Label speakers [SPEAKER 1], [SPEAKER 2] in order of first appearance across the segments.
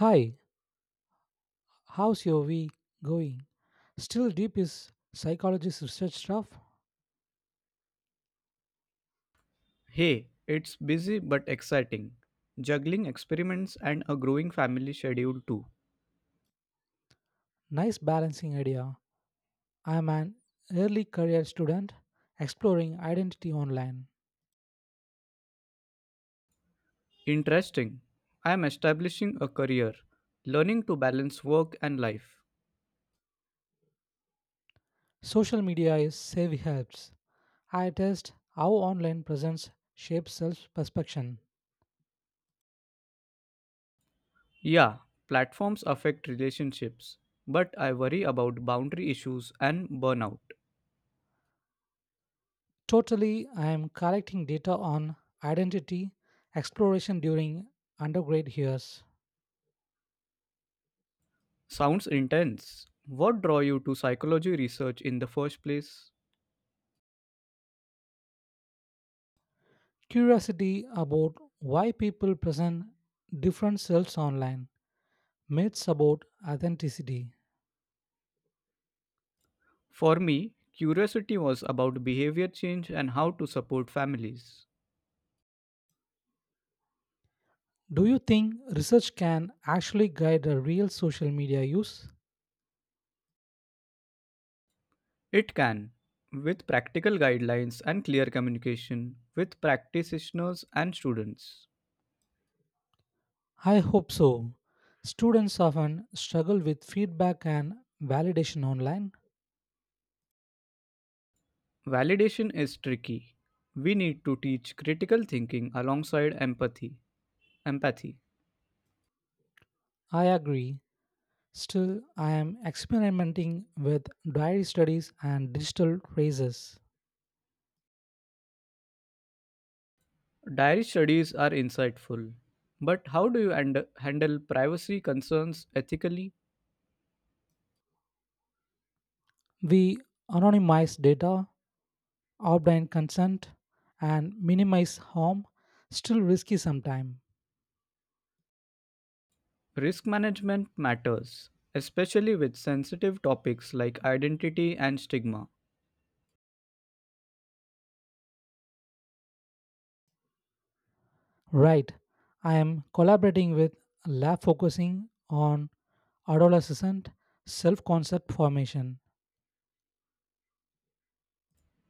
[SPEAKER 1] Hi, how's your week going? Still deep is psychologist research stuff.
[SPEAKER 2] Hey, it's busy but exciting. Juggling experiments and a growing family schedule too.
[SPEAKER 1] Nice balancing idea. I'm an early career student exploring identity online.
[SPEAKER 2] Interesting. I am establishing a career, learning to balance work and life.
[SPEAKER 1] Social media is savvy helps. I test how online presence shapes self perception.
[SPEAKER 2] Yeah, platforms affect relationships, but I worry about boundary issues and burnout.
[SPEAKER 1] Totally, I am collecting data on identity exploration during undergrad years.
[SPEAKER 2] Sounds intense. What draw you to psychology research in the first place?
[SPEAKER 1] Curiosity about why people present different selves online myths about authenticity.
[SPEAKER 2] For me, curiosity was about behavior change and how to support families.
[SPEAKER 1] Do you think research can actually guide a real social media use?
[SPEAKER 2] It can, with practical guidelines and clear communication with practitioners and students.
[SPEAKER 1] I hope so. Students often struggle with feedback and validation online.
[SPEAKER 2] Validation is tricky. We need to teach critical thinking alongside empathy. Empathy.
[SPEAKER 1] I agree. Still, I am experimenting with diary studies and digital traces.
[SPEAKER 2] Diary studies are insightful, but how do you handle privacy concerns ethically?
[SPEAKER 1] We anonymize data, obtain consent, and minimize harm, still risky sometimes.
[SPEAKER 2] Risk management matters, especially with sensitive topics like identity and stigma.
[SPEAKER 1] Right. I am collaborating with a lab focusing on adolescent self concept formation.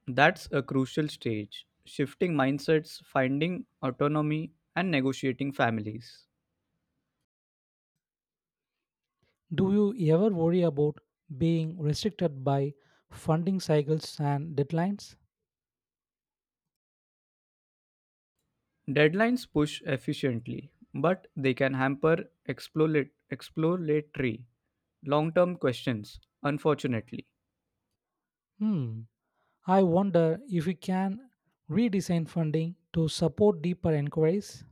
[SPEAKER 2] That's a crucial stage, shifting mindsets, finding autonomy, and negotiating families.
[SPEAKER 1] Do you ever worry about being restricted by funding cycles and deadlines?
[SPEAKER 2] Deadlines push efficiently, but they can hamper exploratory long term questions, unfortunately.
[SPEAKER 1] Hmm. I wonder if we can redesign funding to support deeper inquiries.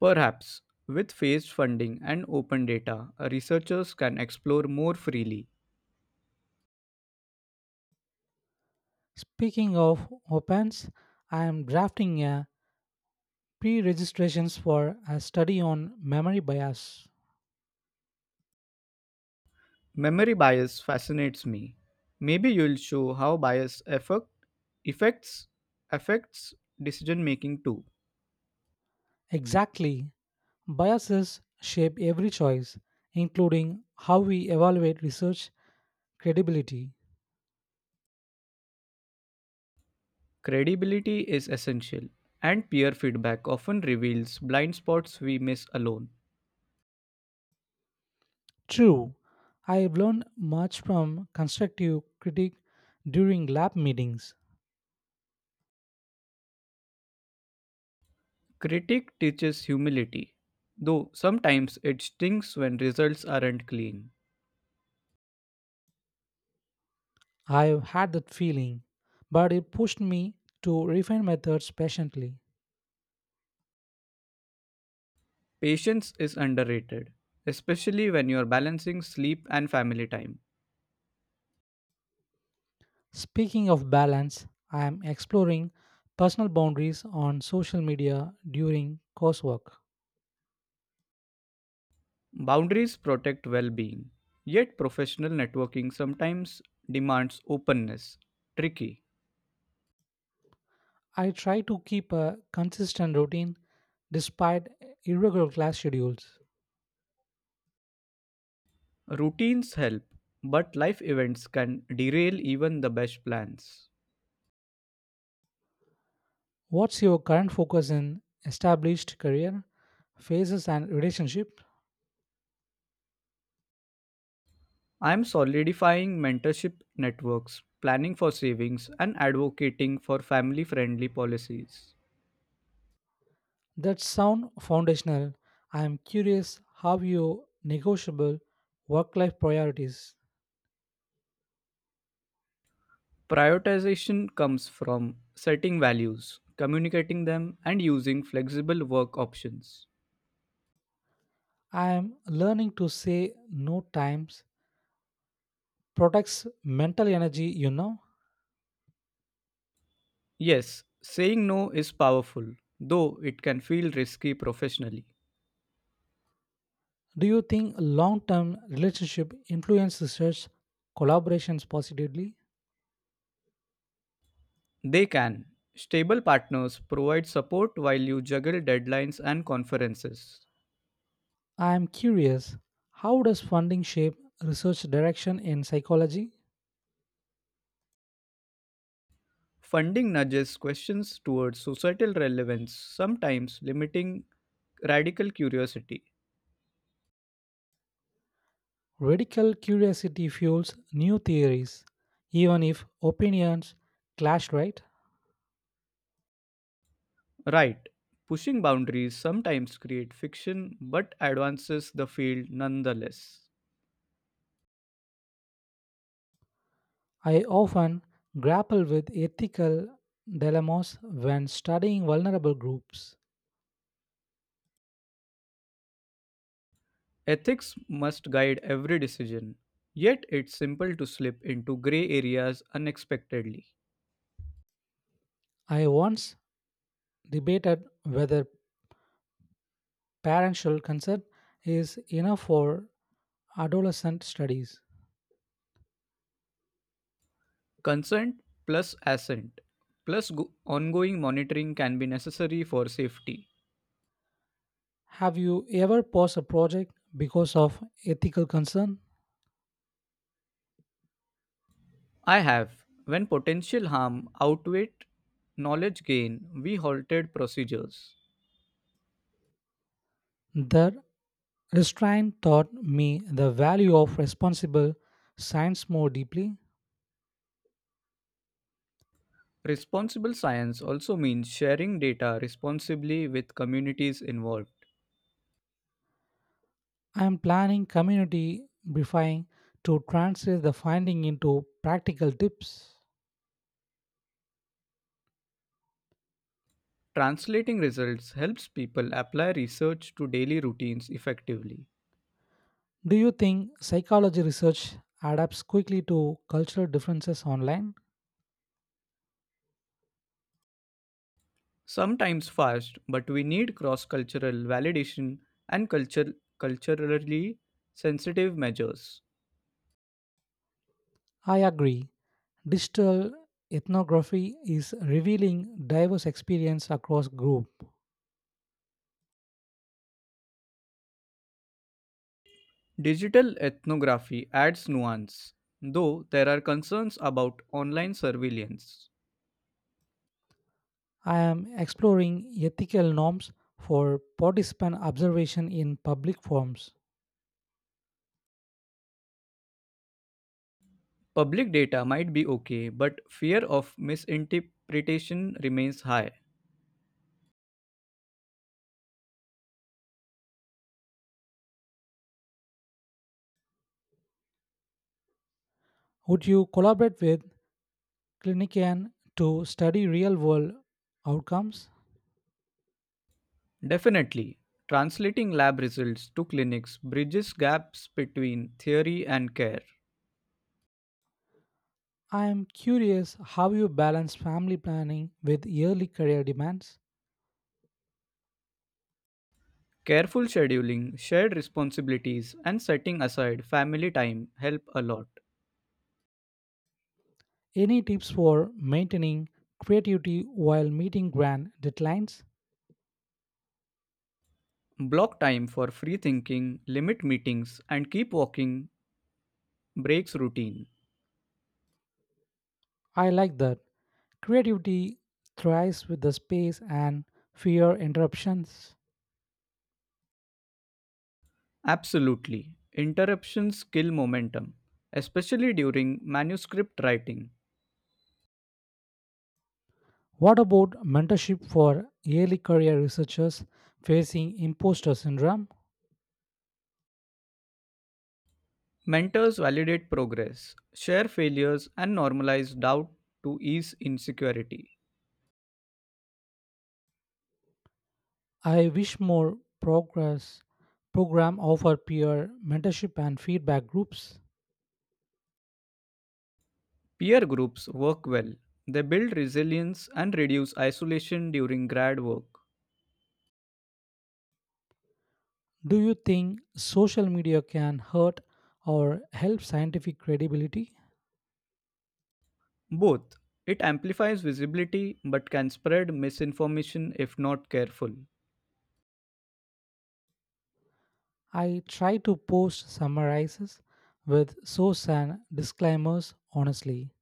[SPEAKER 2] Perhaps with phased funding and open data, researchers can explore more freely.
[SPEAKER 1] Speaking of opens, I am drafting a pre registrations for a study on memory bias.
[SPEAKER 2] Memory bias fascinates me. Maybe you'll show how bias affect, affects affects decision making too.
[SPEAKER 1] Exactly. Biases shape every choice, including how we evaluate research credibility.
[SPEAKER 2] Credibility is essential, and peer feedback often reveals blind spots we miss alone.
[SPEAKER 1] True, I have learned much from constructive critique during lab meetings.
[SPEAKER 2] Critique teaches humility, though sometimes it stings when results aren't clean.
[SPEAKER 1] I have had that feeling, but it pushed me to refine methods patiently.
[SPEAKER 2] Patience is underrated, especially when you're balancing sleep and family time.
[SPEAKER 1] Speaking of balance, I am exploring personal boundaries on social media during coursework.
[SPEAKER 2] Boundaries protect well being, yet, professional networking sometimes demands openness. Tricky.
[SPEAKER 1] I try to keep a consistent routine despite irregular class schedules.
[SPEAKER 2] Routines help, but life events can derail even the best plans.
[SPEAKER 1] What's your current focus in established career, phases, and relationship?
[SPEAKER 2] I am solidifying mentorship networks, planning for savings, and advocating for family friendly policies.
[SPEAKER 1] That sound foundational. I am curious how you negotiable work-life priorities.
[SPEAKER 2] Prioritization comes from setting values, communicating them, and using flexible work options.
[SPEAKER 1] I am learning to say no times protects mental energy,
[SPEAKER 2] Yes, saying no is powerful, though it can feel risky professionally.
[SPEAKER 1] Do you think long-term relationship influences such collaborations positively?
[SPEAKER 2] They can. Stable partners provide support while you juggle deadlines and conferences.
[SPEAKER 1] I am curious, how does funding shape research direction in psychology?
[SPEAKER 2] Funding nudges questions towards societal relevance, sometimes limiting radical curiosity.
[SPEAKER 1] Radical curiosity fuels new theories, even if opinions clash, right?
[SPEAKER 2] Right. Pushing boundaries sometimes create fiction but advances the field nonetheless.
[SPEAKER 1] I often grapple with ethical dilemmas when studying vulnerable groups.
[SPEAKER 2] Ethics must guide every decision, yet it's simple to slip into gray areas unexpectedly.
[SPEAKER 1] I once debated whether parental consent is enough for adolescent studies.
[SPEAKER 2] Consent plus assent plus ongoing monitoring can be necessary for safety.
[SPEAKER 1] Have you ever paused a project because of ethical concern?
[SPEAKER 2] I have. When potential harm outweighed knowledge gain, we halted procedures.
[SPEAKER 1] The restraint taught me the value of responsible science more deeply.
[SPEAKER 2] Responsible science also means sharing data responsibly with communities involved.
[SPEAKER 1] I am planning community briefing to translate the finding into practical tips.
[SPEAKER 2] Translating results helps people apply research to daily routines effectively.
[SPEAKER 1] Do you think psychology research adapts quickly to cultural differences online?
[SPEAKER 2] Sometimes fast, but we need cross cultural validation and culturally sensitive measures.
[SPEAKER 1] I agree. Digital ethnography is revealing diverse experience across group.
[SPEAKER 2] Digital ethnography adds nuance, though there are concerns about online surveillance.
[SPEAKER 1] I am exploring ethical norms for participant observation in public forums.
[SPEAKER 2] Public data might be okay, but fear of misinterpretation remains high.
[SPEAKER 1] Would you collaborate with clinician to study real world outcomes?
[SPEAKER 2] Definitely, translating lab results to clinics bridges gaps between theory and care.
[SPEAKER 1] I am curious how you balance family planning with yearly career demands.
[SPEAKER 2] Careful scheduling, shared responsibilities, and setting aside family time help a lot.
[SPEAKER 1] Any tips for maintaining creativity while meeting grand deadlines?
[SPEAKER 2] Block time for free thinking, limit meetings, and keep walking breaks routine.
[SPEAKER 1] I like that. Creativity thrives with the space and fear interruptions.
[SPEAKER 2] Absolutely. Interruptions kill momentum, especially during manuscript writing.
[SPEAKER 1] What about mentorship for yearly career researchers facing imposter syndrome?
[SPEAKER 2] Mentors validate progress, share failures, and normalize doubt to ease insecurity.
[SPEAKER 1] I wish more progress program offer peer mentorship and feedback groups.
[SPEAKER 2] Peer groups work well, they build resilience and reduce isolation during grad work.
[SPEAKER 1] Do you think social media can hurt or help scientific credibility?
[SPEAKER 2] Both. It amplifies visibility but can spread misinformation if not careful.
[SPEAKER 1] I try to post summarizes with source and disclaimers honestly.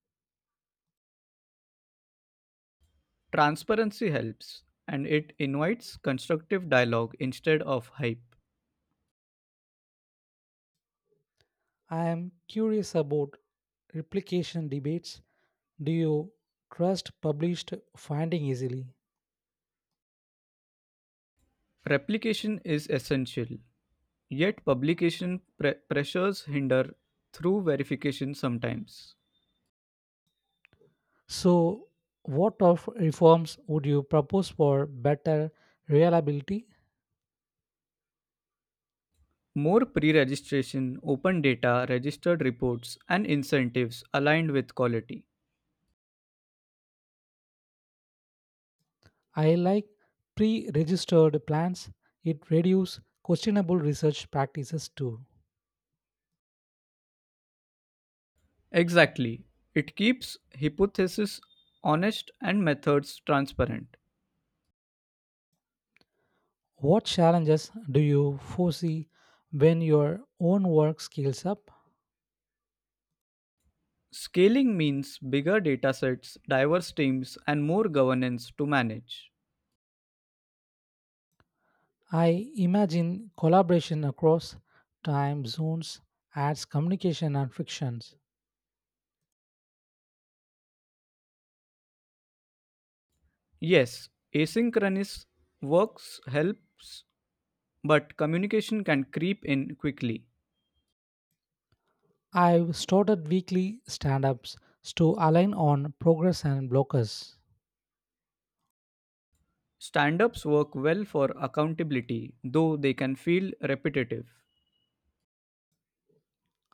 [SPEAKER 2] Transparency helps, and it invites constructive dialogue instead of hype.
[SPEAKER 1] I am curious about replication debates. Do you trust published finding easily?
[SPEAKER 2] Replication is essential, yet publication pressures hinder through verification sometimes.
[SPEAKER 1] So, what of reforms would you propose for better reliability?
[SPEAKER 2] More pre registration, open data, registered reports, and incentives aligned with quality.
[SPEAKER 1] I like pre-registered plans. It reduces questionable research practices too.
[SPEAKER 2] Exactly. It keeps hypotheses honest and methods transparent.
[SPEAKER 1] What challenges do you foresee when your own work scales up?
[SPEAKER 2] Scaling means bigger datasets, diverse teams, and more governance to manage.
[SPEAKER 1] I imagine collaboration across time zones adds communication and frictions.
[SPEAKER 2] Yes, asynchronous works helps. But communication can creep in quickly.
[SPEAKER 1] I've started weekly stand-ups to align on progress and blockers.
[SPEAKER 2] Stand ups work well for accountability, though they can feel repetitive.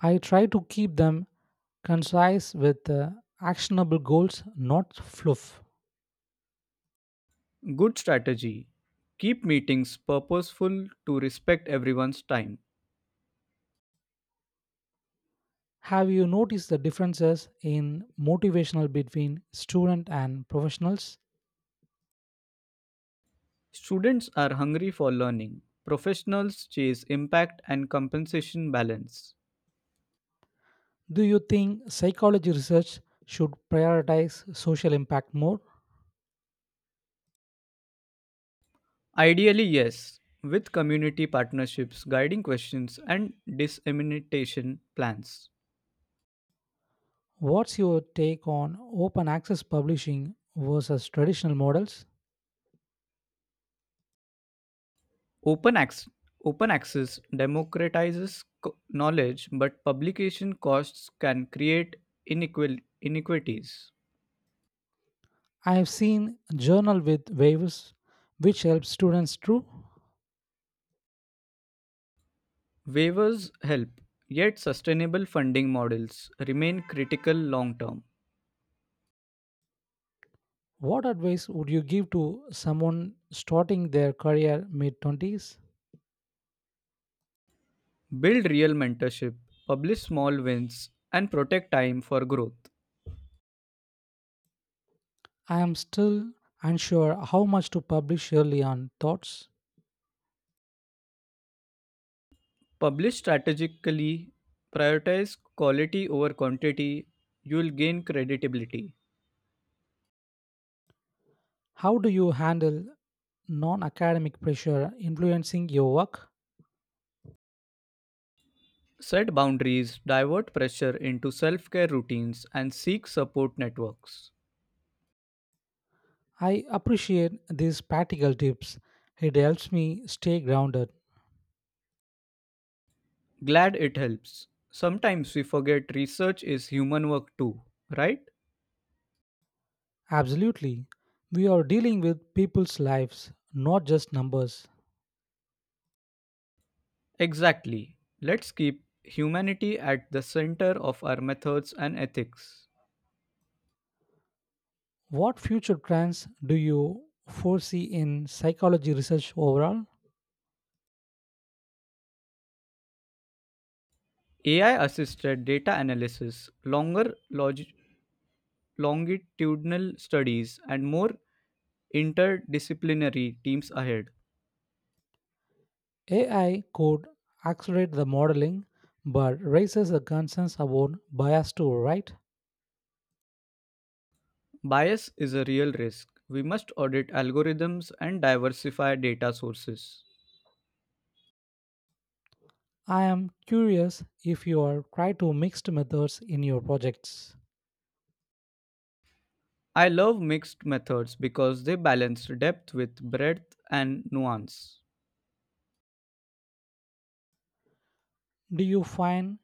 [SPEAKER 1] I try to keep them concise with actionable goals, not fluff.
[SPEAKER 2] Good strategy keep meetings purposeful to respect everyone's time.
[SPEAKER 1] Have you noticed the differences in motivational between student and professionals?
[SPEAKER 2] Students are hungry for learning. Professionals chase impact and compensation balance.
[SPEAKER 1] Do you think psychology research should prioritize social impact more?
[SPEAKER 2] Ideally, yes, with community partnerships, guiding questions, and dissemination plans.
[SPEAKER 1] What's your take on open access publishing versus traditional models?
[SPEAKER 2] Open, ac- Open access democratizes knowledge, but publication costs can create inequities.
[SPEAKER 1] I have seen journal with waves which helps students too.
[SPEAKER 2] Waivers help, yet, sustainable funding models remain critical long term.
[SPEAKER 1] What advice would you give to someone starting their career mid 20s?
[SPEAKER 2] Build real mentorship, publish small wins, and protect time for growth.
[SPEAKER 1] I am still unsure how much to publish early on thoughts.
[SPEAKER 2] Publish strategically, prioritize quality over quantity, you'll gain credibility.
[SPEAKER 1] How do you handle non academic pressure influencing your work?
[SPEAKER 2] Set boundaries, divert pressure into self care routines, and seek support networks.
[SPEAKER 1] I appreciate these practical tips. It helps me stay grounded.
[SPEAKER 2] Glad it helps. Sometimes we forget research is human work too, right?
[SPEAKER 1] Absolutely. We are dealing with people's lives, not just numbers.
[SPEAKER 2] Exactly. Let's keep humanity at the center of our methods and ethics.
[SPEAKER 1] What future trends do you foresee in psychology research overall?
[SPEAKER 2] AI assisted data analysis, longer longitudinal studies, and more interdisciplinary teams ahead.
[SPEAKER 1] AI could accelerate the modeling but raises the concerns about bias too, right?
[SPEAKER 2] Bias is a real risk. We must audit algorithms and diversify data sources.
[SPEAKER 1] I am curious if you are try to mixed methods in your projects.
[SPEAKER 2] I love mixed methods because they balance depth with breadth and nuance.
[SPEAKER 1] Do you find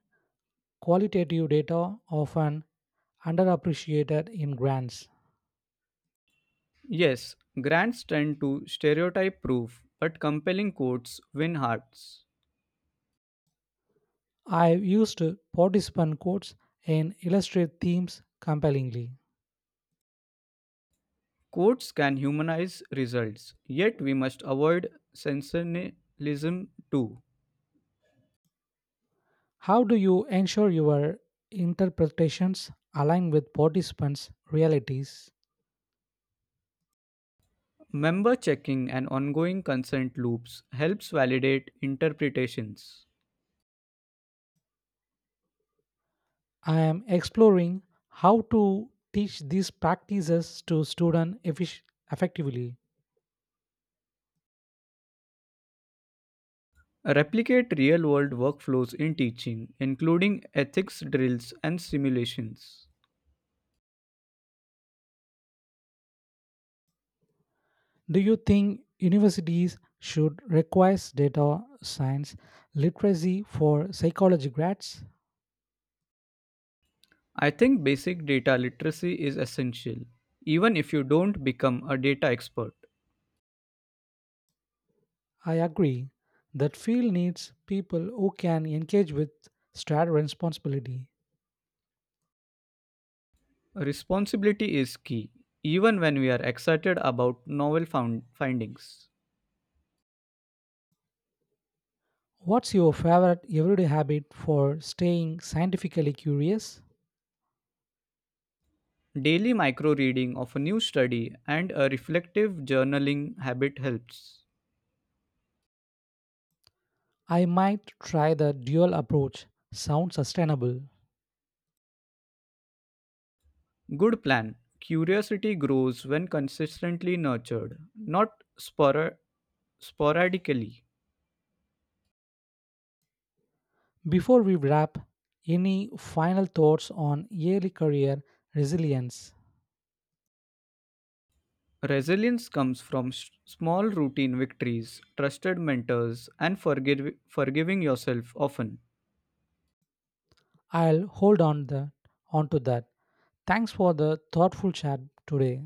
[SPEAKER 1] qualitative data often underappreciated in grants?
[SPEAKER 2] Yes, grants tend to stereotype proof, but compelling quotes win hearts.
[SPEAKER 1] I've used participant quotes and illustrate themes compellingly.
[SPEAKER 2] Quotes can humanize results, yet we must avoid sensationalism too.
[SPEAKER 1] How do you ensure your interpretations align with participants' realities?
[SPEAKER 2] Member checking and ongoing consent loops helps validate interpretations.
[SPEAKER 1] I am exploring how to teach these practices to students effectively.
[SPEAKER 2] Replicate real world workflows in teaching, including ethics drills and simulations.
[SPEAKER 1] Do you think universities should require data science literacy for psychology grads?
[SPEAKER 2] I think basic data literacy is essential, even if you don't become a data expert.
[SPEAKER 1] I agree that field needs people who can engage with shared responsibility.
[SPEAKER 2] Responsibility is key, even when we are excited about novel found findings.
[SPEAKER 1] What's your favorite everyday habit for staying scientifically curious?
[SPEAKER 2] Daily micro reading of a new study and a reflective journaling habit helps.
[SPEAKER 1] I might try the dual approach. Sounds sustainable.
[SPEAKER 2] Good plan. Curiosity grows when consistently nurtured, not spora- sporadically.
[SPEAKER 1] Before we wrap, any final thoughts on early career resilience?
[SPEAKER 2] Resilience comes from small routine victories, trusted mentors, and forgiving yourself often.
[SPEAKER 1] I'll hold on the onto that. Thanks for the thoughtful chat today.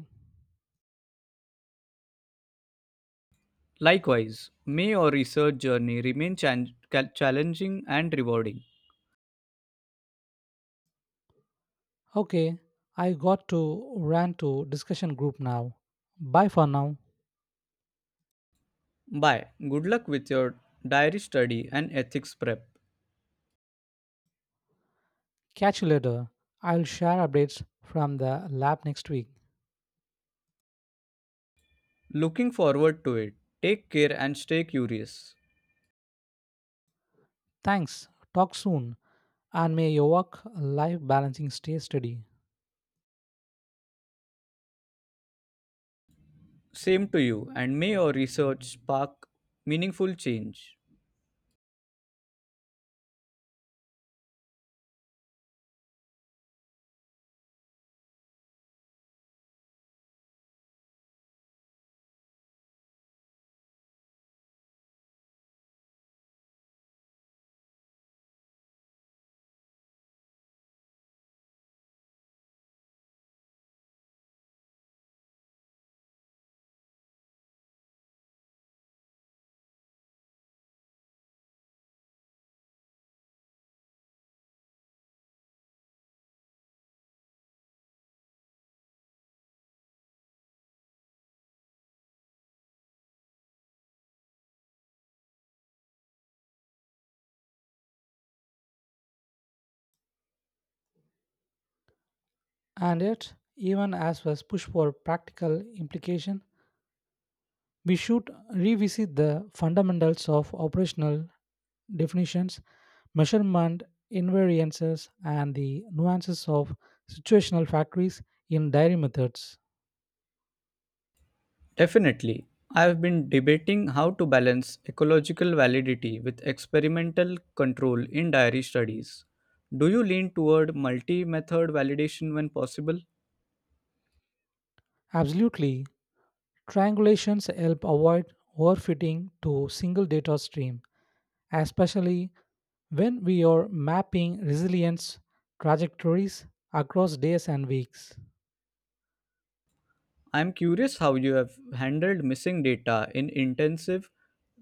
[SPEAKER 2] Likewise, may your research journey remain challenging and rewarding.
[SPEAKER 1] Okay, I got to run to discussion group now. Bye for now.
[SPEAKER 2] Bye. Good luck with your diary study and ethics prep.
[SPEAKER 1] Catch you later. I'll share updates from the lab next week.
[SPEAKER 2] Looking forward to it. Take care and stay curious.
[SPEAKER 1] Thanks. Talk soon. And may your work life balancing stay steady.
[SPEAKER 2] Same to you, and may your research spark meaningful change.
[SPEAKER 1] And yet, even as was push for practical implication, we should revisit the fundamentals of operational definitions, measurement invariances, and the nuances of situational factories in dairy methods.
[SPEAKER 2] Definitely. I've been debating how to balance ecological validity with experimental control in diary studies. Do you lean toward multi method validation when possible?
[SPEAKER 1] Absolutely, triangulations help avoid overfitting to single data stream, especially when we are mapping resilience trajectories across days and weeks.
[SPEAKER 2] I'm curious how you have handled missing data in intensive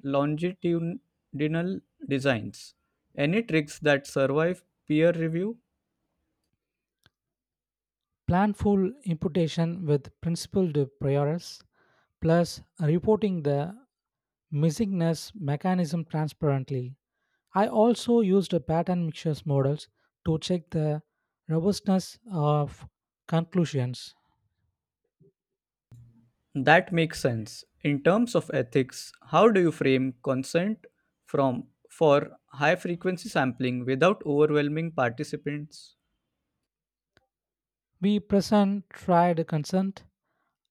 [SPEAKER 2] longitudinal designs. Any tricks that survive peer review?
[SPEAKER 1] Planful imputation with principled priors, plus reporting the missingness mechanism transparently. I also used a pattern mixtures models to check the robustness of conclusions.
[SPEAKER 2] That makes sense. In terms of ethics, how do you frame consent from for high frequency sampling without overwhelming participants?
[SPEAKER 1] We present tried consent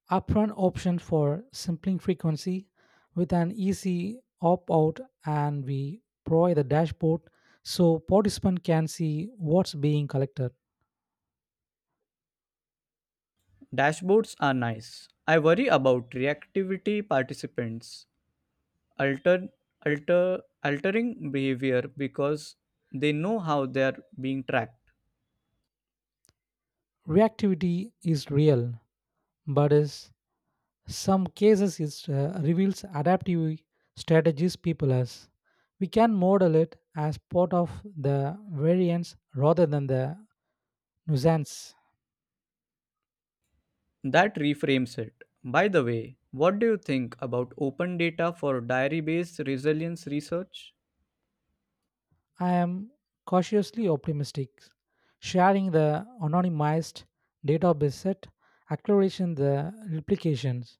[SPEAKER 1] upfront option for sampling frequency with an easy opt-out and we provide the dashboard so participant can see what's being collected.
[SPEAKER 2] Dashboards are nice. I worry about reactivity participants alter alter altering behavior because they know how they are being tracked.
[SPEAKER 1] Reactivity is real, but is some cases it reveals adaptive strategies people as. We can model it as part of the variance rather than the nuisance.
[SPEAKER 2] That reframes it. By the way, what do you think about open data for diary based resilience research?
[SPEAKER 1] I am cautiously optimistic. Sharing the anonymized database set acceleration the replications,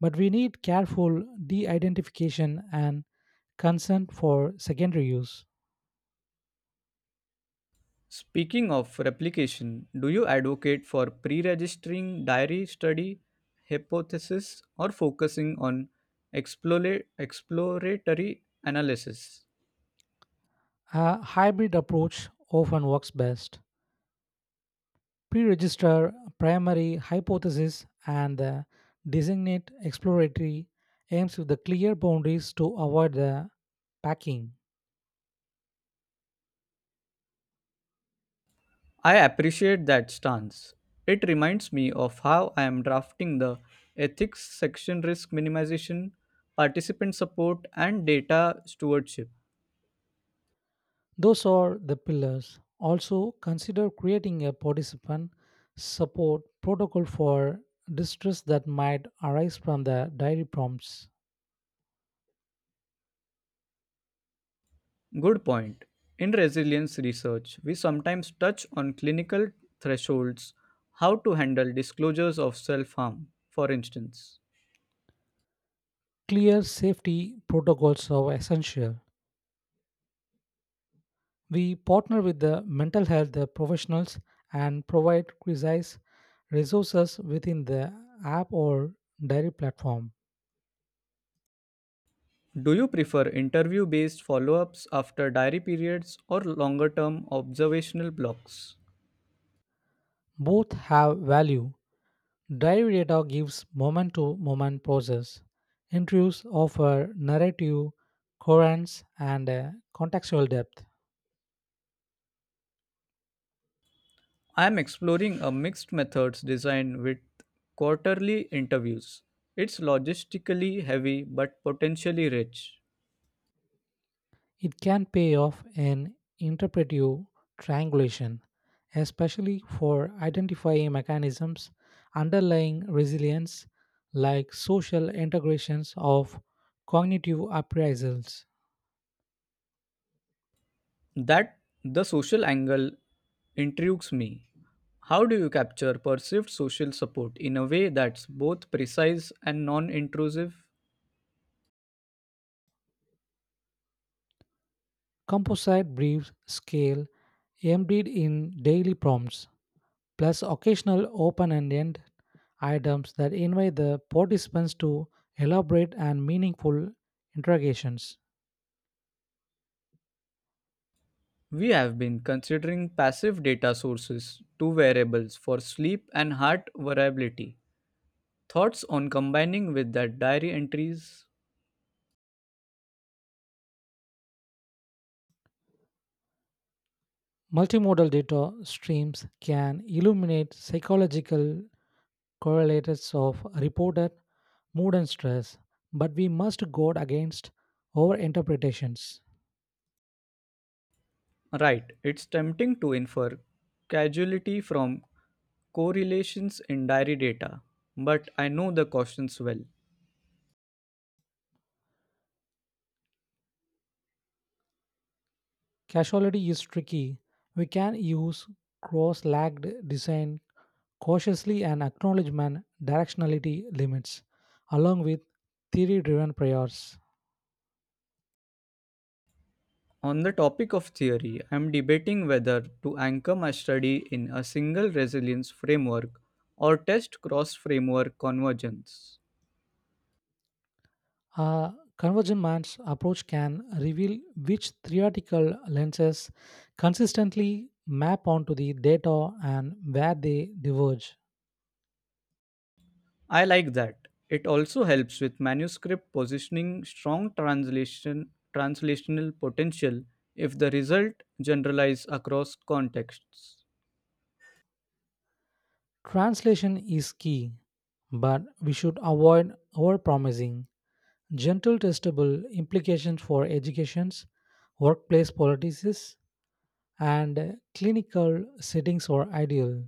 [SPEAKER 1] but we need careful de-identification and consent for secondary use.
[SPEAKER 2] Speaking of replication, do you advocate for pre registering diary study hypothesis or focusing on exploratory analysis?
[SPEAKER 1] A hybrid approach often works best. Pre register primary hypothesis and designate exploratory aims with the clear boundaries to avoid the packing.
[SPEAKER 2] I appreciate that stance. It reminds me of how I am drafting the ethics section risk minimization, participant support, and data stewardship.
[SPEAKER 1] Those are the pillars. Also, consider creating a participant support protocol for distress that might arise from the diary prompts.
[SPEAKER 2] Good point. In resilience research, we sometimes touch on clinical thresholds, how to handle disclosures of self harm, for instance.
[SPEAKER 1] Clear safety protocols are essential. We partner with the mental health professionals and provide precise resources within the app or diary platform.
[SPEAKER 2] Do you prefer interview based follow ups after diary periods or longer term observational blocks?
[SPEAKER 1] Both have value. Diary data gives moment to moment process. Interviews offer narrative coherence and contextual depth.
[SPEAKER 2] I am exploring a mixed methods design with quarterly interviews. It's logistically heavy but potentially rich.
[SPEAKER 1] It can pay off in interpretive triangulation, especially for identifying mechanisms underlying resilience like social integrations of cognitive appraisals.
[SPEAKER 2] That the social angle intrigues me. How do you capture perceived social support in a way that's both precise and non intrusive?
[SPEAKER 1] Composite brief scale embedded in daily prompts, plus occasional open-ended items that invite the participants to elaborate and meaningful interrogations.
[SPEAKER 2] We have been considering passive data sources, two variables for sleep and heart variability. Thoughts on combining with that diary entries?
[SPEAKER 1] Multimodal data streams can illuminate psychological correlates of reported mood and stress, but we must guard against overinterpretations.
[SPEAKER 2] Right, it's tempting to infer causality from correlations in diary data, but I know the cautions well.
[SPEAKER 1] Causality is tricky. We can use cross-lagged design cautiously and acknowledgement directionality limits, along with theory-driven priors.
[SPEAKER 2] On the topic of theory, I am debating whether to anchor my study in a single resilience framework or test cross framework convergence.
[SPEAKER 1] A convergent man's approach can reveal which theoretical lenses consistently map onto the data and where they diverge.
[SPEAKER 2] I like that. It also helps with manuscript positioning strong translational potential if the result generalize across contexts.
[SPEAKER 1] Translation is key, but we should avoid overpromising. Gentle testable implications for educations, workplace policies, and clinical settings are ideal.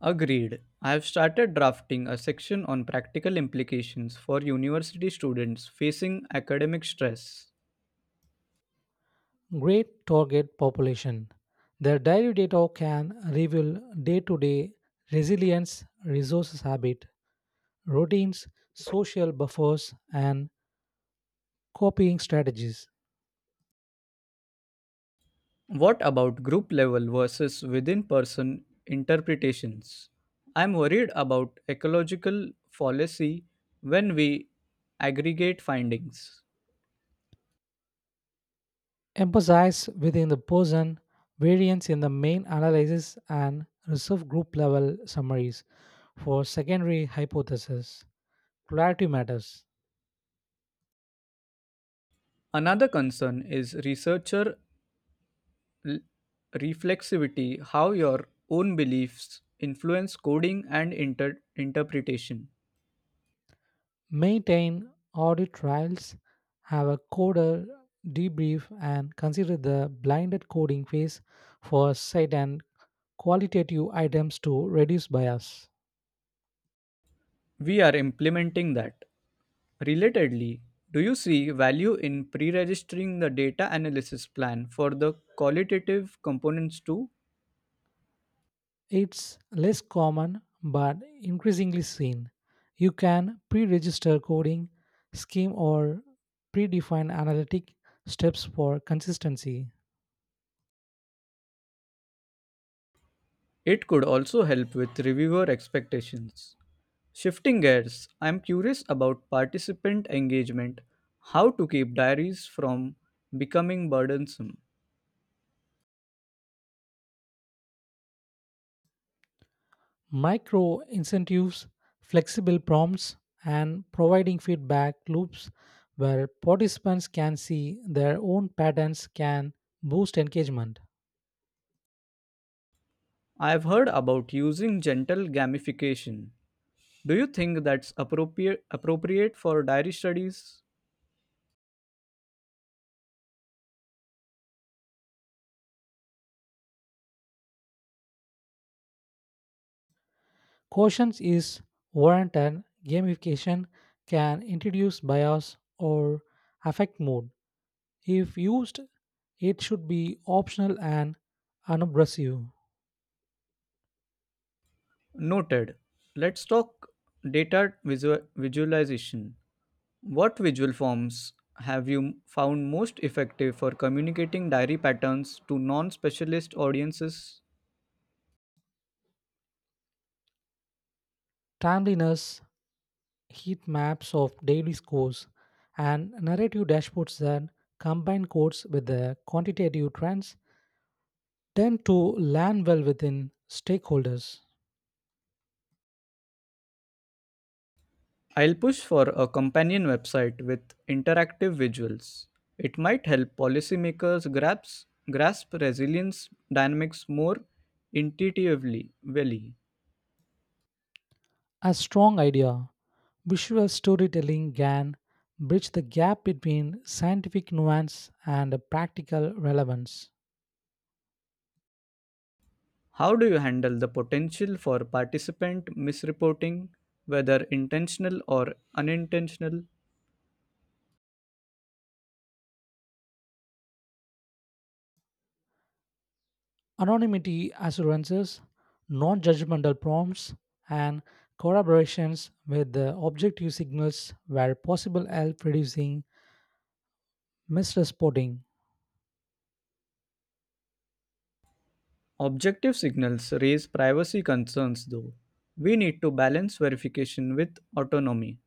[SPEAKER 2] Agreed. I have started drafting a section on practical implications for university students facing academic stress.
[SPEAKER 1] Great target population. Their diary data can reveal day to day resilience, resources habit, routines, social buffers, and copying strategies.
[SPEAKER 2] What about group level versus within person interpretations? I'm worried about ecological fallacy when we aggregate findings.
[SPEAKER 1] Emphasize within the person variance in the main analysis and reserve group level summaries for secondary hypothesis. Clarity matters.
[SPEAKER 2] Another concern is researcher l- reflexivity, how your own beliefs influence coding and interpretation.
[SPEAKER 1] Maintain audit trails, have a coder debrief, and consider the blinded coding phase for site and qualitative items to reduce bias.
[SPEAKER 2] We are implementing that. Relatedly, do you see value in pre registering the data analysis plan for the qualitative components too?
[SPEAKER 1] It's less common but increasingly seen. You can pre register coding scheme or predefine analytic steps for consistency.
[SPEAKER 2] It could also help with reviewer expectations. Shifting gears, I'm curious about participant engagement, how to keep diaries from becoming burdensome.
[SPEAKER 1] Micro incentives, flexible prompts, and providing feedback loops where participants can see their own patterns can boost engagement.
[SPEAKER 2] I've heard about using gentle gamification. Do you think that's appropriate for diary studies?
[SPEAKER 1] Cautions is warranted. Gamification can introduce bias or affect mood. If used, it should be optional and unobtrusive.
[SPEAKER 2] Noted. Let's talk visualization. What visual forms have you found most effective for communicating diary patterns to non specialist audiences?
[SPEAKER 1] Timeliness heat maps of daily scores, and narrative dashboards that combine codes with the quantitative trends tend to land well within stakeholders.
[SPEAKER 2] I'll push for a companion website with interactive visuals. It might help policymakers grasp resilience dynamics more intuitively. Really.
[SPEAKER 1] A strong idea, visual storytelling can bridge the gap between scientific nuance and practical relevance.
[SPEAKER 2] How do you handle the potential for participant misreporting, whether intentional or unintentional?
[SPEAKER 1] Anonymity assurances, non judgmental prompts, and collaborations with the objective signals where possible help reducing misreporting.
[SPEAKER 2] Objective signals raise privacy concerns, though. We need to balance verification with autonomy.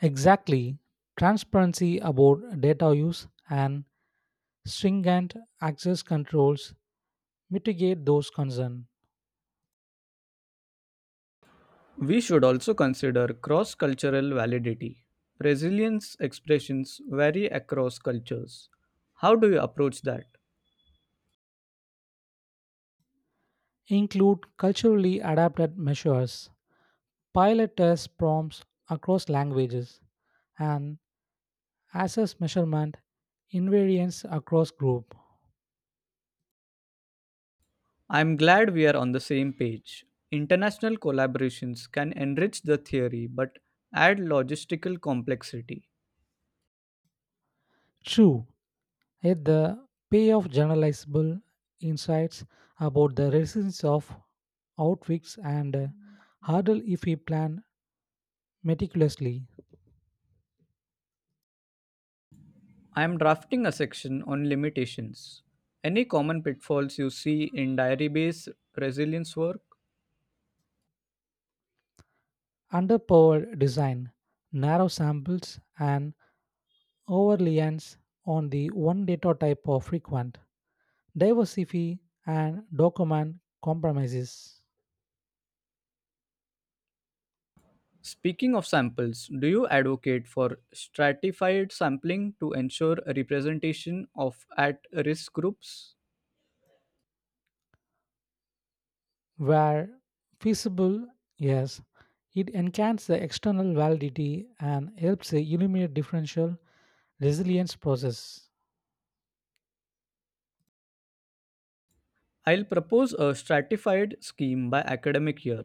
[SPEAKER 1] Exactly. Transparency about data use and stringent access controls mitigate those concerns.
[SPEAKER 2] We should also consider cross cultural validity. Brazilians' expressions vary across cultures. How do you approach that?
[SPEAKER 1] Include culturally adapted measures, pilot test prompts across languages, and access measurement invariance across group.
[SPEAKER 2] I'm glad we are on the same page. International collaborations can enrich the theory but add logistical complexity.
[SPEAKER 1] True, at the pay of generalizable insights about the resilience of outwicks and hurdle if we plan meticulously.
[SPEAKER 2] I am drafting a section on limitations. Any common pitfalls you see in diary based resilience work?
[SPEAKER 1] Underpowered design, narrow samples, and overreliance on the one data type are frequent. Diversity and document compromises
[SPEAKER 2] Speaking of samples, do you advocate for stratified sampling to ensure a representation of at risk groups?
[SPEAKER 1] where feasible, yes, it enhances the external validity and helps eliminate differential resilience process.
[SPEAKER 2] I'll propose a stratified scheme by academic year,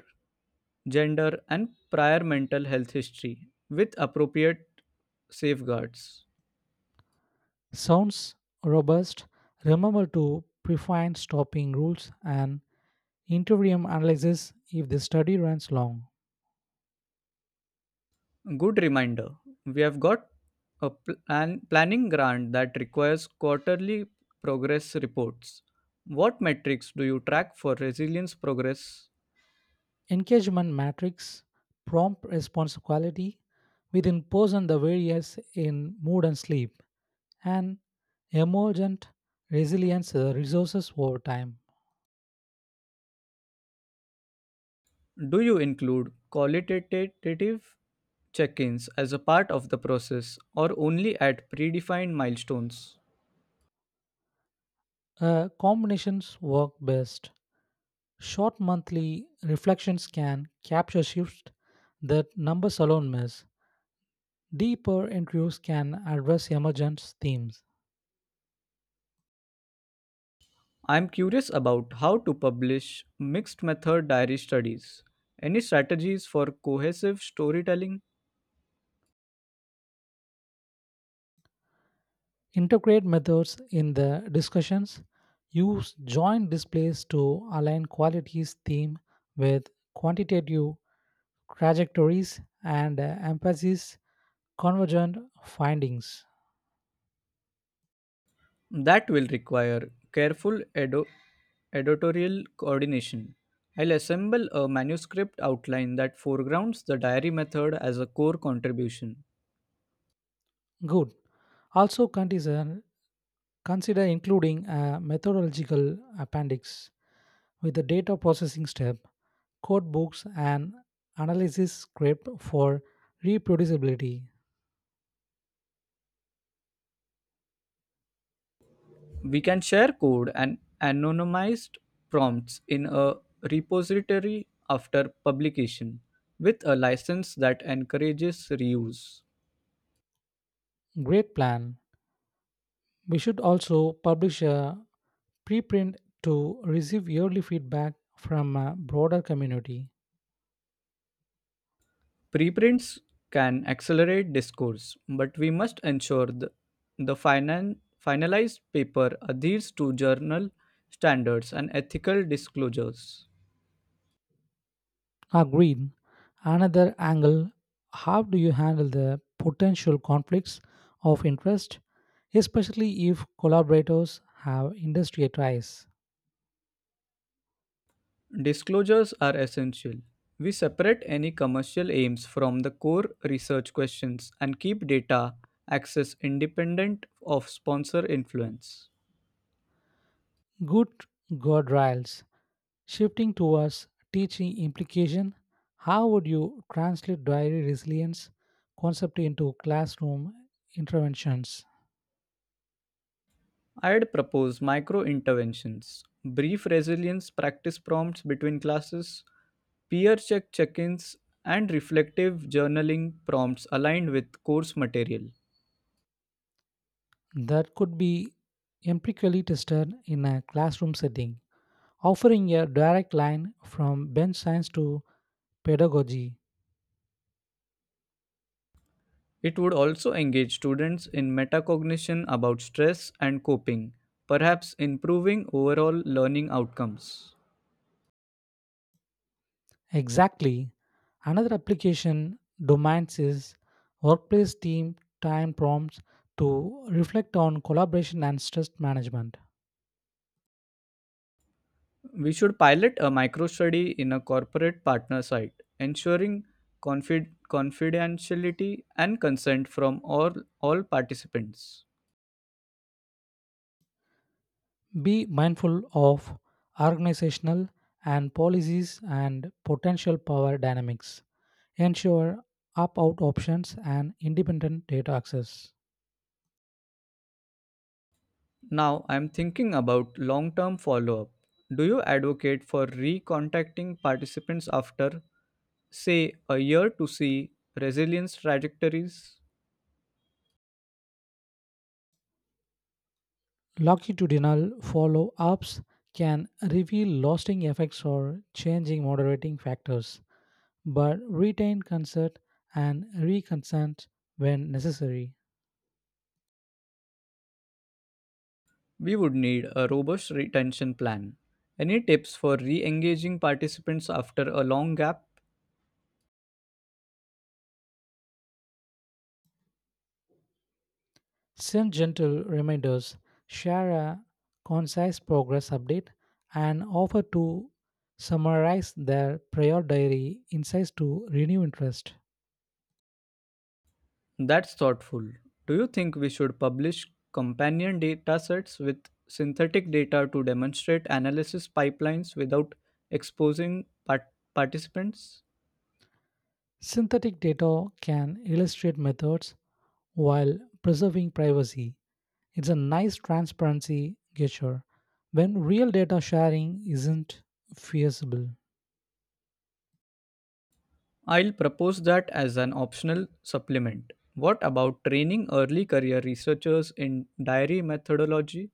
[SPEAKER 2] gender, and prior mental health history with appropriate safeguards.
[SPEAKER 1] Sounds robust. Remember to prefine stopping rules and interim analysis if the study runs long.
[SPEAKER 2] Good reminder. We have got planning grant that requires quarterly progress reports. What metrics do you track for resilience progress?
[SPEAKER 1] Engagement metrics, prompt response quality, within person the variance in mood and sleep, and emergent resilience resources over time.
[SPEAKER 2] Do you include qualitative check ins as a part of the process or only at predefined milestones?
[SPEAKER 1] Combinations work best. Short monthly reflections can capture shifts that numbers alone miss. Deeper interviews can address emergent themes.
[SPEAKER 2] I'm curious about how to publish mixed method diary studies. Any strategies for cohesive storytelling?
[SPEAKER 1] Integrate methods in the discussions. Use joint displays to align qualities theme with quantitative trajectories and emphasis convergent findings.
[SPEAKER 2] That will require careful editorial coordination. I'll assemble a manuscript outline that foregrounds the diary method as a core contribution.
[SPEAKER 1] Good. Also consider including a methodological appendix with the data processing step, code books, and analysis script for reproducibility.
[SPEAKER 2] We can share code and anonymized prompts in a repository after publication with a license that encourages reuse.
[SPEAKER 1] Great plan. We should also publish a preprint to receive yearly feedback from a broader community.
[SPEAKER 2] Preprints can accelerate discourse, but we must ensure the finalized paper adheres to journal standards and ethical disclosures.
[SPEAKER 1] Agreed. Another angle, how do you handle the potential conflicts of interest, especially if collaborators have industry ties?
[SPEAKER 2] Disclosures are essential. We separate any commercial aims from the core research questions and keep data access independent of sponsor influence.
[SPEAKER 1] Good guardrails. Shifting towards teaching implication, how would you translate diary resilience concept into classroom interventions?
[SPEAKER 2] I'd propose micro interventions, brief resilience practice prompts between classes, peer check check ins, and reflective journaling prompts aligned with course material.
[SPEAKER 1] That could be empirically tested in a classroom setting, offering a direct line from bench science to pedagogy.
[SPEAKER 2] It would also engage students in metacognition about stress and coping, perhaps improving overall learning outcomes.
[SPEAKER 1] Exactly. Another application domains is workplace team time prompts to reflect on collaboration and stress management.
[SPEAKER 2] We should pilot a micro study in a corporate partner site, ensuring confidentiality and consent from all participants.
[SPEAKER 1] Be mindful of organizational and policies and potential power dynamics. Ensure opt out options and independent data access.
[SPEAKER 2] Now I'm thinking about long term follow up. Do you advocate for recontacting participants after, say, a year to see resilience trajectories?
[SPEAKER 1] Longitudinal follow ups can reveal lasting effects or changing moderating factors, but retain consent and reconsent when necessary.
[SPEAKER 2] We would need a robust retention plan. Any tips for re engaging participants after a long gap?
[SPEAKER 1] Send gentle reminders, share a concise progress update, and offer to summarize their prior diary insights to renew interest.
[SPEAKER 2] That's thoughtful. Do you think we should publish companion data sets with synthetic data to demonstrate analysis pipelines without exposing participants?
[SPEAKER 1] Synthetic data can illustrate methods while preserving privacy. It's a nice transparency gesture. When real data sharing isn't feasible,
[SPEAKER 2] I'll propose that as an optional supplement. What about training early career researchers in diary methodology?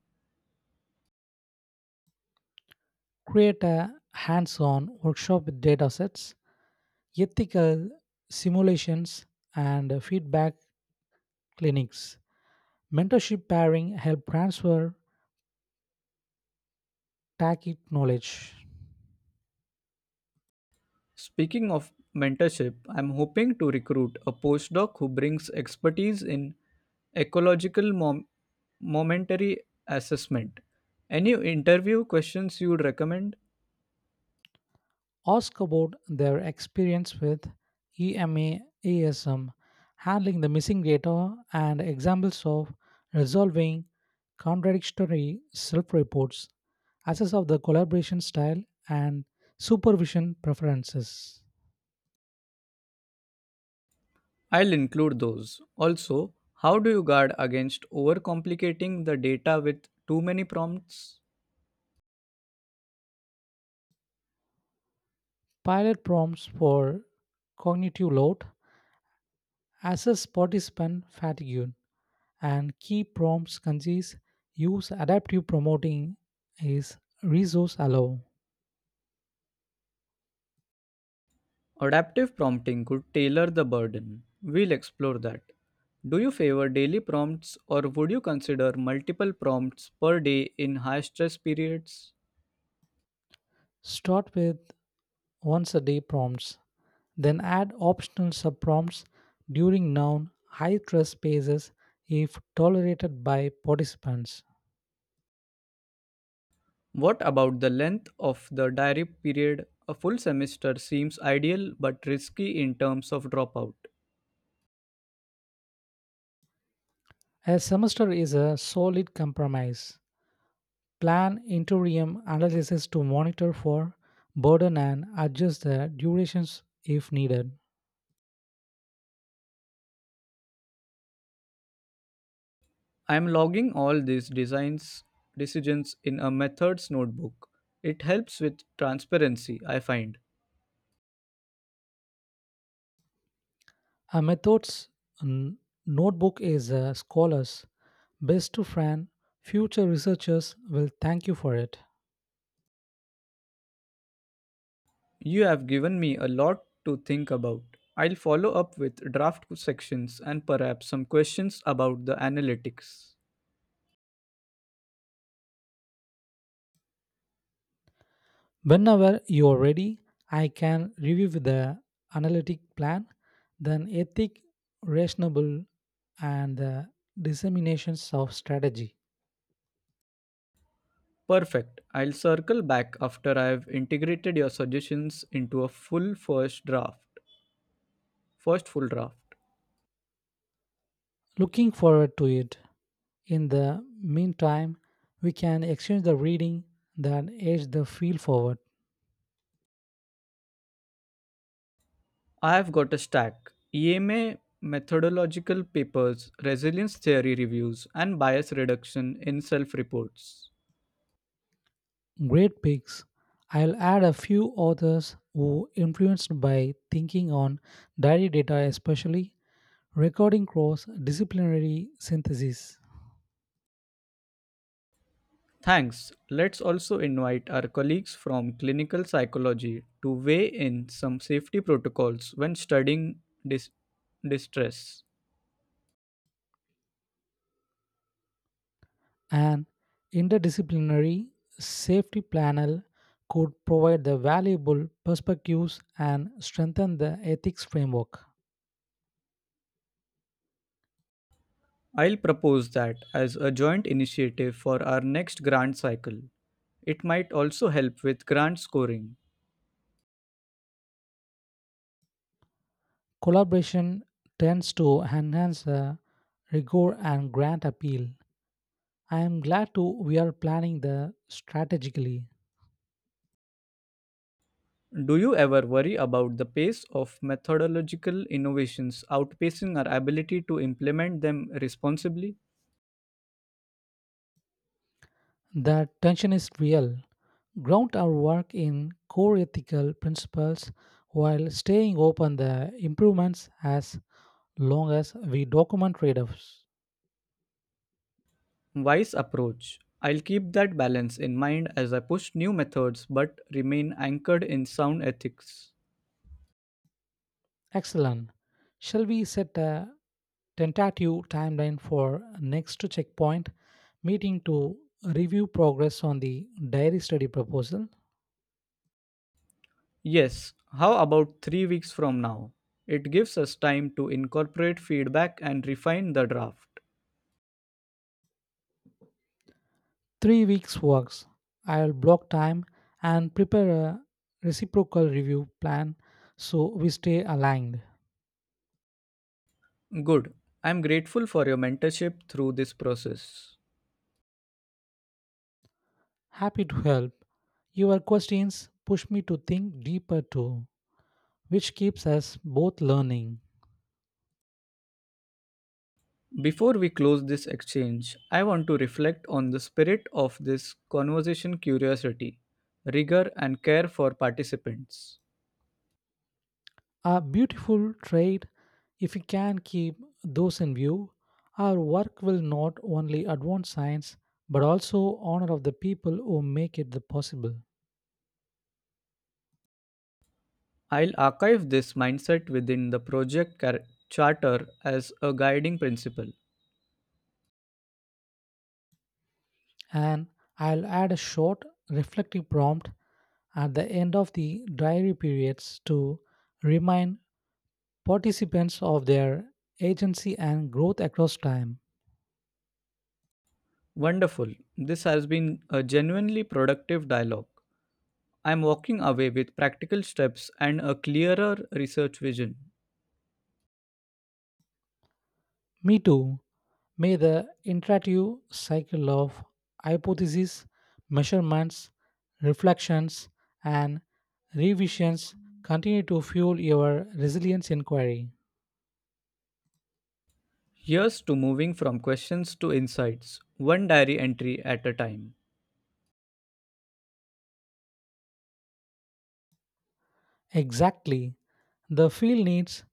[SPEAKER 1] create a hands on workshop with datasets, ethical simulations, and feedback clinics. Mentorship pairing help transfer tacit knowledge.
[SPEAKER 2] Speaking of mentorship, I'm hoping to recruit a postdoc who brings expertise in ecological momentary assessment. Any interview questions you would recommend?
[SPEAKER 1] Ask about their experience with EMA, ASM, handling the missing data, and examples of resolving contradictory self reports, assess of the collaboration style and supervision preferences.
[SPEAKER 2] I'll include those. Also, how do you guard against overcomplicating the data with too many prompts?
[SPEAKER 1] Pilot prompts for cognitive load, assess participant fatigue, and key prompts concise, use adaptive promoting is resource allow.
[SPEAKER 2] Adaptive prompting could tailor the burden. We'll explore that. Do you favor daily prompts or would you consider multiple prompts per day in high stress periods?
[SPEAKER 1] Start with once a day prompts, then add optional sub prompts during noun high stress phases if tolerated by participants.
[SPEAKER 2] What about the length of the diary period? A full semester seems ideal but risky in terms of dropout.
[SPEAKER 1] A semester is a solid compromise. Plan interim analysis to monitor for burden and adjust the durations if needed.
[SPEAKER 2] I am logging all these designs decisions in a methods notebook. It helps with transparency, I find.
[SPEAKER 1] A methods n- notebook is a scholar's best friend. Future researchers will thank you for it.
[SPEAKER 2] You have given me a lot to think about. I'll follow up with draft sections and perhaps some questions about the analytics.
[SPEAKER 1] Whenever you are ready, I can review the analytic plan, then ethic, rationable, and the disseminations of strategy.
[SPEAKER 2] Perfect. I'll circle back after I have integrated your suggestions into a full first draft. First full draft.
[SPEAKER 1] Looking forward to it. In the meantime, we can exchange the reading that edge the field forward.
[SPEAKER 2] I have got a stack EMA methodological papers, resilience theory reviews, and bias reduction in self reports.
[SPEAKER 1] Great picks. I'll add a few authors who influenced by thinking on diary data, especially recording cross disciplinary synthesis.
[SPEAKER 2] Thanks. Let's also invite our colleagues from clinical psychology to weigh in some safety protocols when studying dis- distress.
[SPEAKER 1] An interdisciplinary safety panel could provide the valuable perspectives and strengthen the ethics framework.
[SPEAKER 2] I'll propose that as a joint initiative for our next grant cycle. It might also help with grant scoring.
[SPEAKER 1] Collaboration tends to enhance the rigor and grant appeal. I am glad to we are planning the strategically.
[SPEAKER 2] Do you ever worry about the pace of methodological innovations outpacing our ability to implement them responsibly?
[SPEAKER 1] The tension is real. Ground our work in core ethical principles while staying open the improvements as long as we document trade-offs.
[SPEAKER 2] Wise approach. I'll keep that balance in mind as I push new methods but remain anchored in sound ethics.
[SPEAKER 1] Excellent. Shall we set a tentative timeline for next checkpoint meeting to review progress on the diary study proposal.
[SPEAKER 2] Yes, how about 3 weeks from now? It gives us time to incorporate feedback and refine the draft.
[SPEAKER 1] Three weeks works. I'll block time and prepare a reciprocal review plan so we stay aligned.
[SPEAKER 2] Good. I'm grateful for your mentorship through this process.
[SPEAKER 1] Happy to help. Your questions push me to think deeper too, which keeps us both learning.
[SPEAKER 2] Before we close this exchange, I want to reflect on the spirit of this conversation curiosity, rigor, and care for participants.
[SPEAKER 1] A beautiful trait if we can keep those in view. Our work will not only advance science but also honor of the people who make it the possible.
[SPEAKER 2] I'll archive this mindset within the project charter as a guiding principle.
[SPEAKER 1] And I'll add a short reflective prompt at the end of the diary periods to remind participants of their agency and growth across time.
[SPEAKER 2] Wonderful. This has been a genuinely productive dialogue. I'm walking away with practical steps and a clearer research vision.
[SPEAKER 1] Me too. May the iterative cycle of hypotheses, measurements, reflections, and revisions continue to fuel your resilience inquiry.
[SPEAKER 2] Here's to moving from questions to insights, one diary entry at a time.
[SPEAKER 1] Exactly. The field needs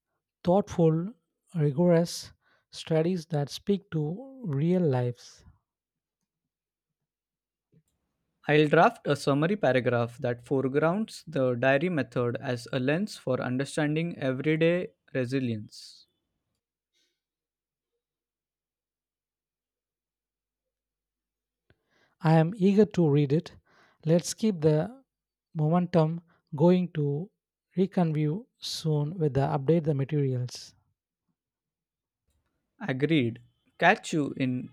[SPEAKER 1] thoughtful, rigorous studies that speak to real lives.
[SPEAKER 2] I'll draft a summary paragraph that foregrounds the diary method as a lens for understanding everyday resilience.
[SPEAKER 1] I am eager to read it. Let's keep the momentum going to reconvene soon with the update the materials.
[SPEAKER 2] Agreed. Catch you in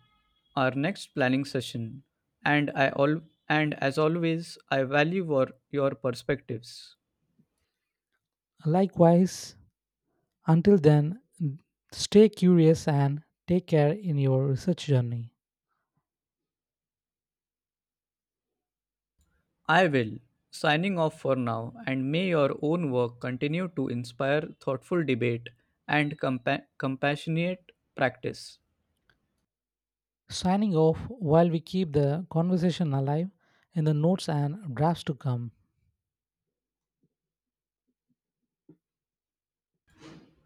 [SPEAKER 2] our next planning session. And I all and as always, I value your perspectives.
[SPEAKER 1] Likewise. Until then, stay curious and take care in your research journey.
[SPEAKER 2] I will. Signing off for now, and may your own work continue to inspire thoughtful debate and compassionate practice.
[SPEAKER 1] Signing off while we keep the conversation alive in the notes and drafts to come.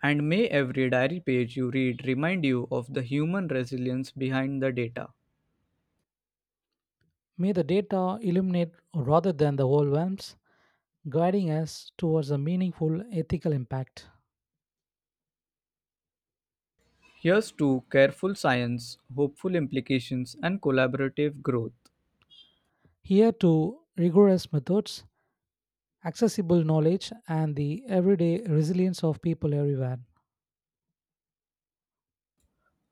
[SPEAKER 2] And may every diary page you read remind you of the human resilience behind the data.
[SPEAKER 1] May the data illuminate rather than the overwhelms, guiding us towards a meaningful ethical impact.
[SPEAKER 2] Here's to careful science, hopeful implications, and collaborative growth.
[SPEAKER 1] Here to rigorous methods, accessible knowledge, and the everyday resilience of people everywhere.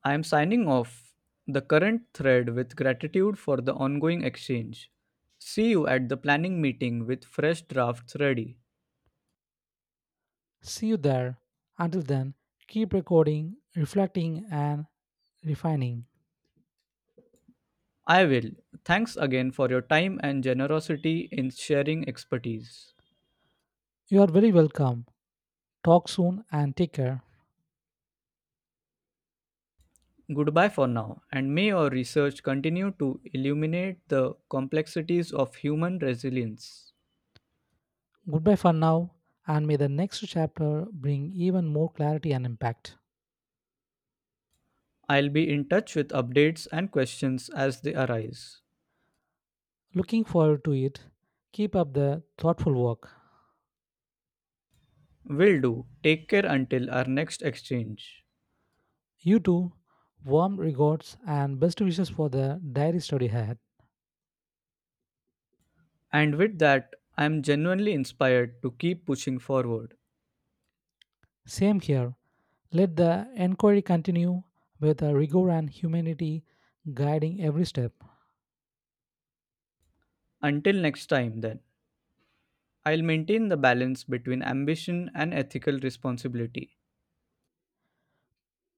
[SPEAKER 2] I am signing off the current thread with gratitude for the ongoing exchange. See you at the planning meeting with fresh drafts ready.
[SPEAKER 1] See you there. Until then, keep recording, reflecting, and refining.
[SPEAKER 2] I will. Thanks again for your time and generosity in sharing expertise.
[SPEAKER 1] You are very welcome. Talk soon and take care.
[SPEAKER 2] Goodbye for now, and may your research continue to illuminate the complexities of human resilience.
[SPEAKER 1] Goodbye for now, and may the next chapter bring even more clarity and impact.
[SPEAKER 2] I'll be in touch with updates and questions as they arise.
[SPEAKER 1] Looking forward to it. Keep up the thoughtful work.
[SPEAKER 2] Will do. Take care until our next exchange.
[SPEAKER 1] You too. Warm regards and best wishes for the diary study ahead.
[SPEAKER 2] And with that, I'm genuinely inspired to keep pushing forward.
[SPEAKER 1] Same here. Let the inquiry continue with a rigor and humanity guiding every step.
[SPEAKER 2] Until next time, then, I'll maintain the balance between ambition and ethical responsibility.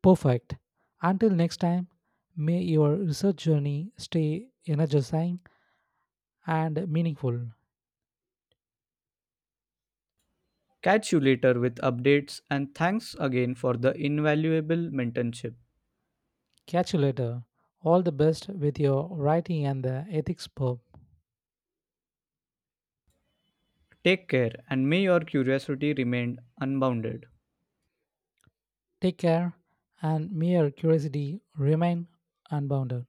[SPEAKER 1] Perfect. Until next time, may your research journey stay energizing and meaningful.
[SPEAKER 2] Catch you later with updates, and thanks again for the invaluable mentorship.
[SPEAKER 1] Catch you later. All the best with your writing and the ethics pub.
[SPEAKER 2] Take care, and may your curiosity remain unbounded.
[SPEAKER 1] Take care, and may your curiosity remain unbounded.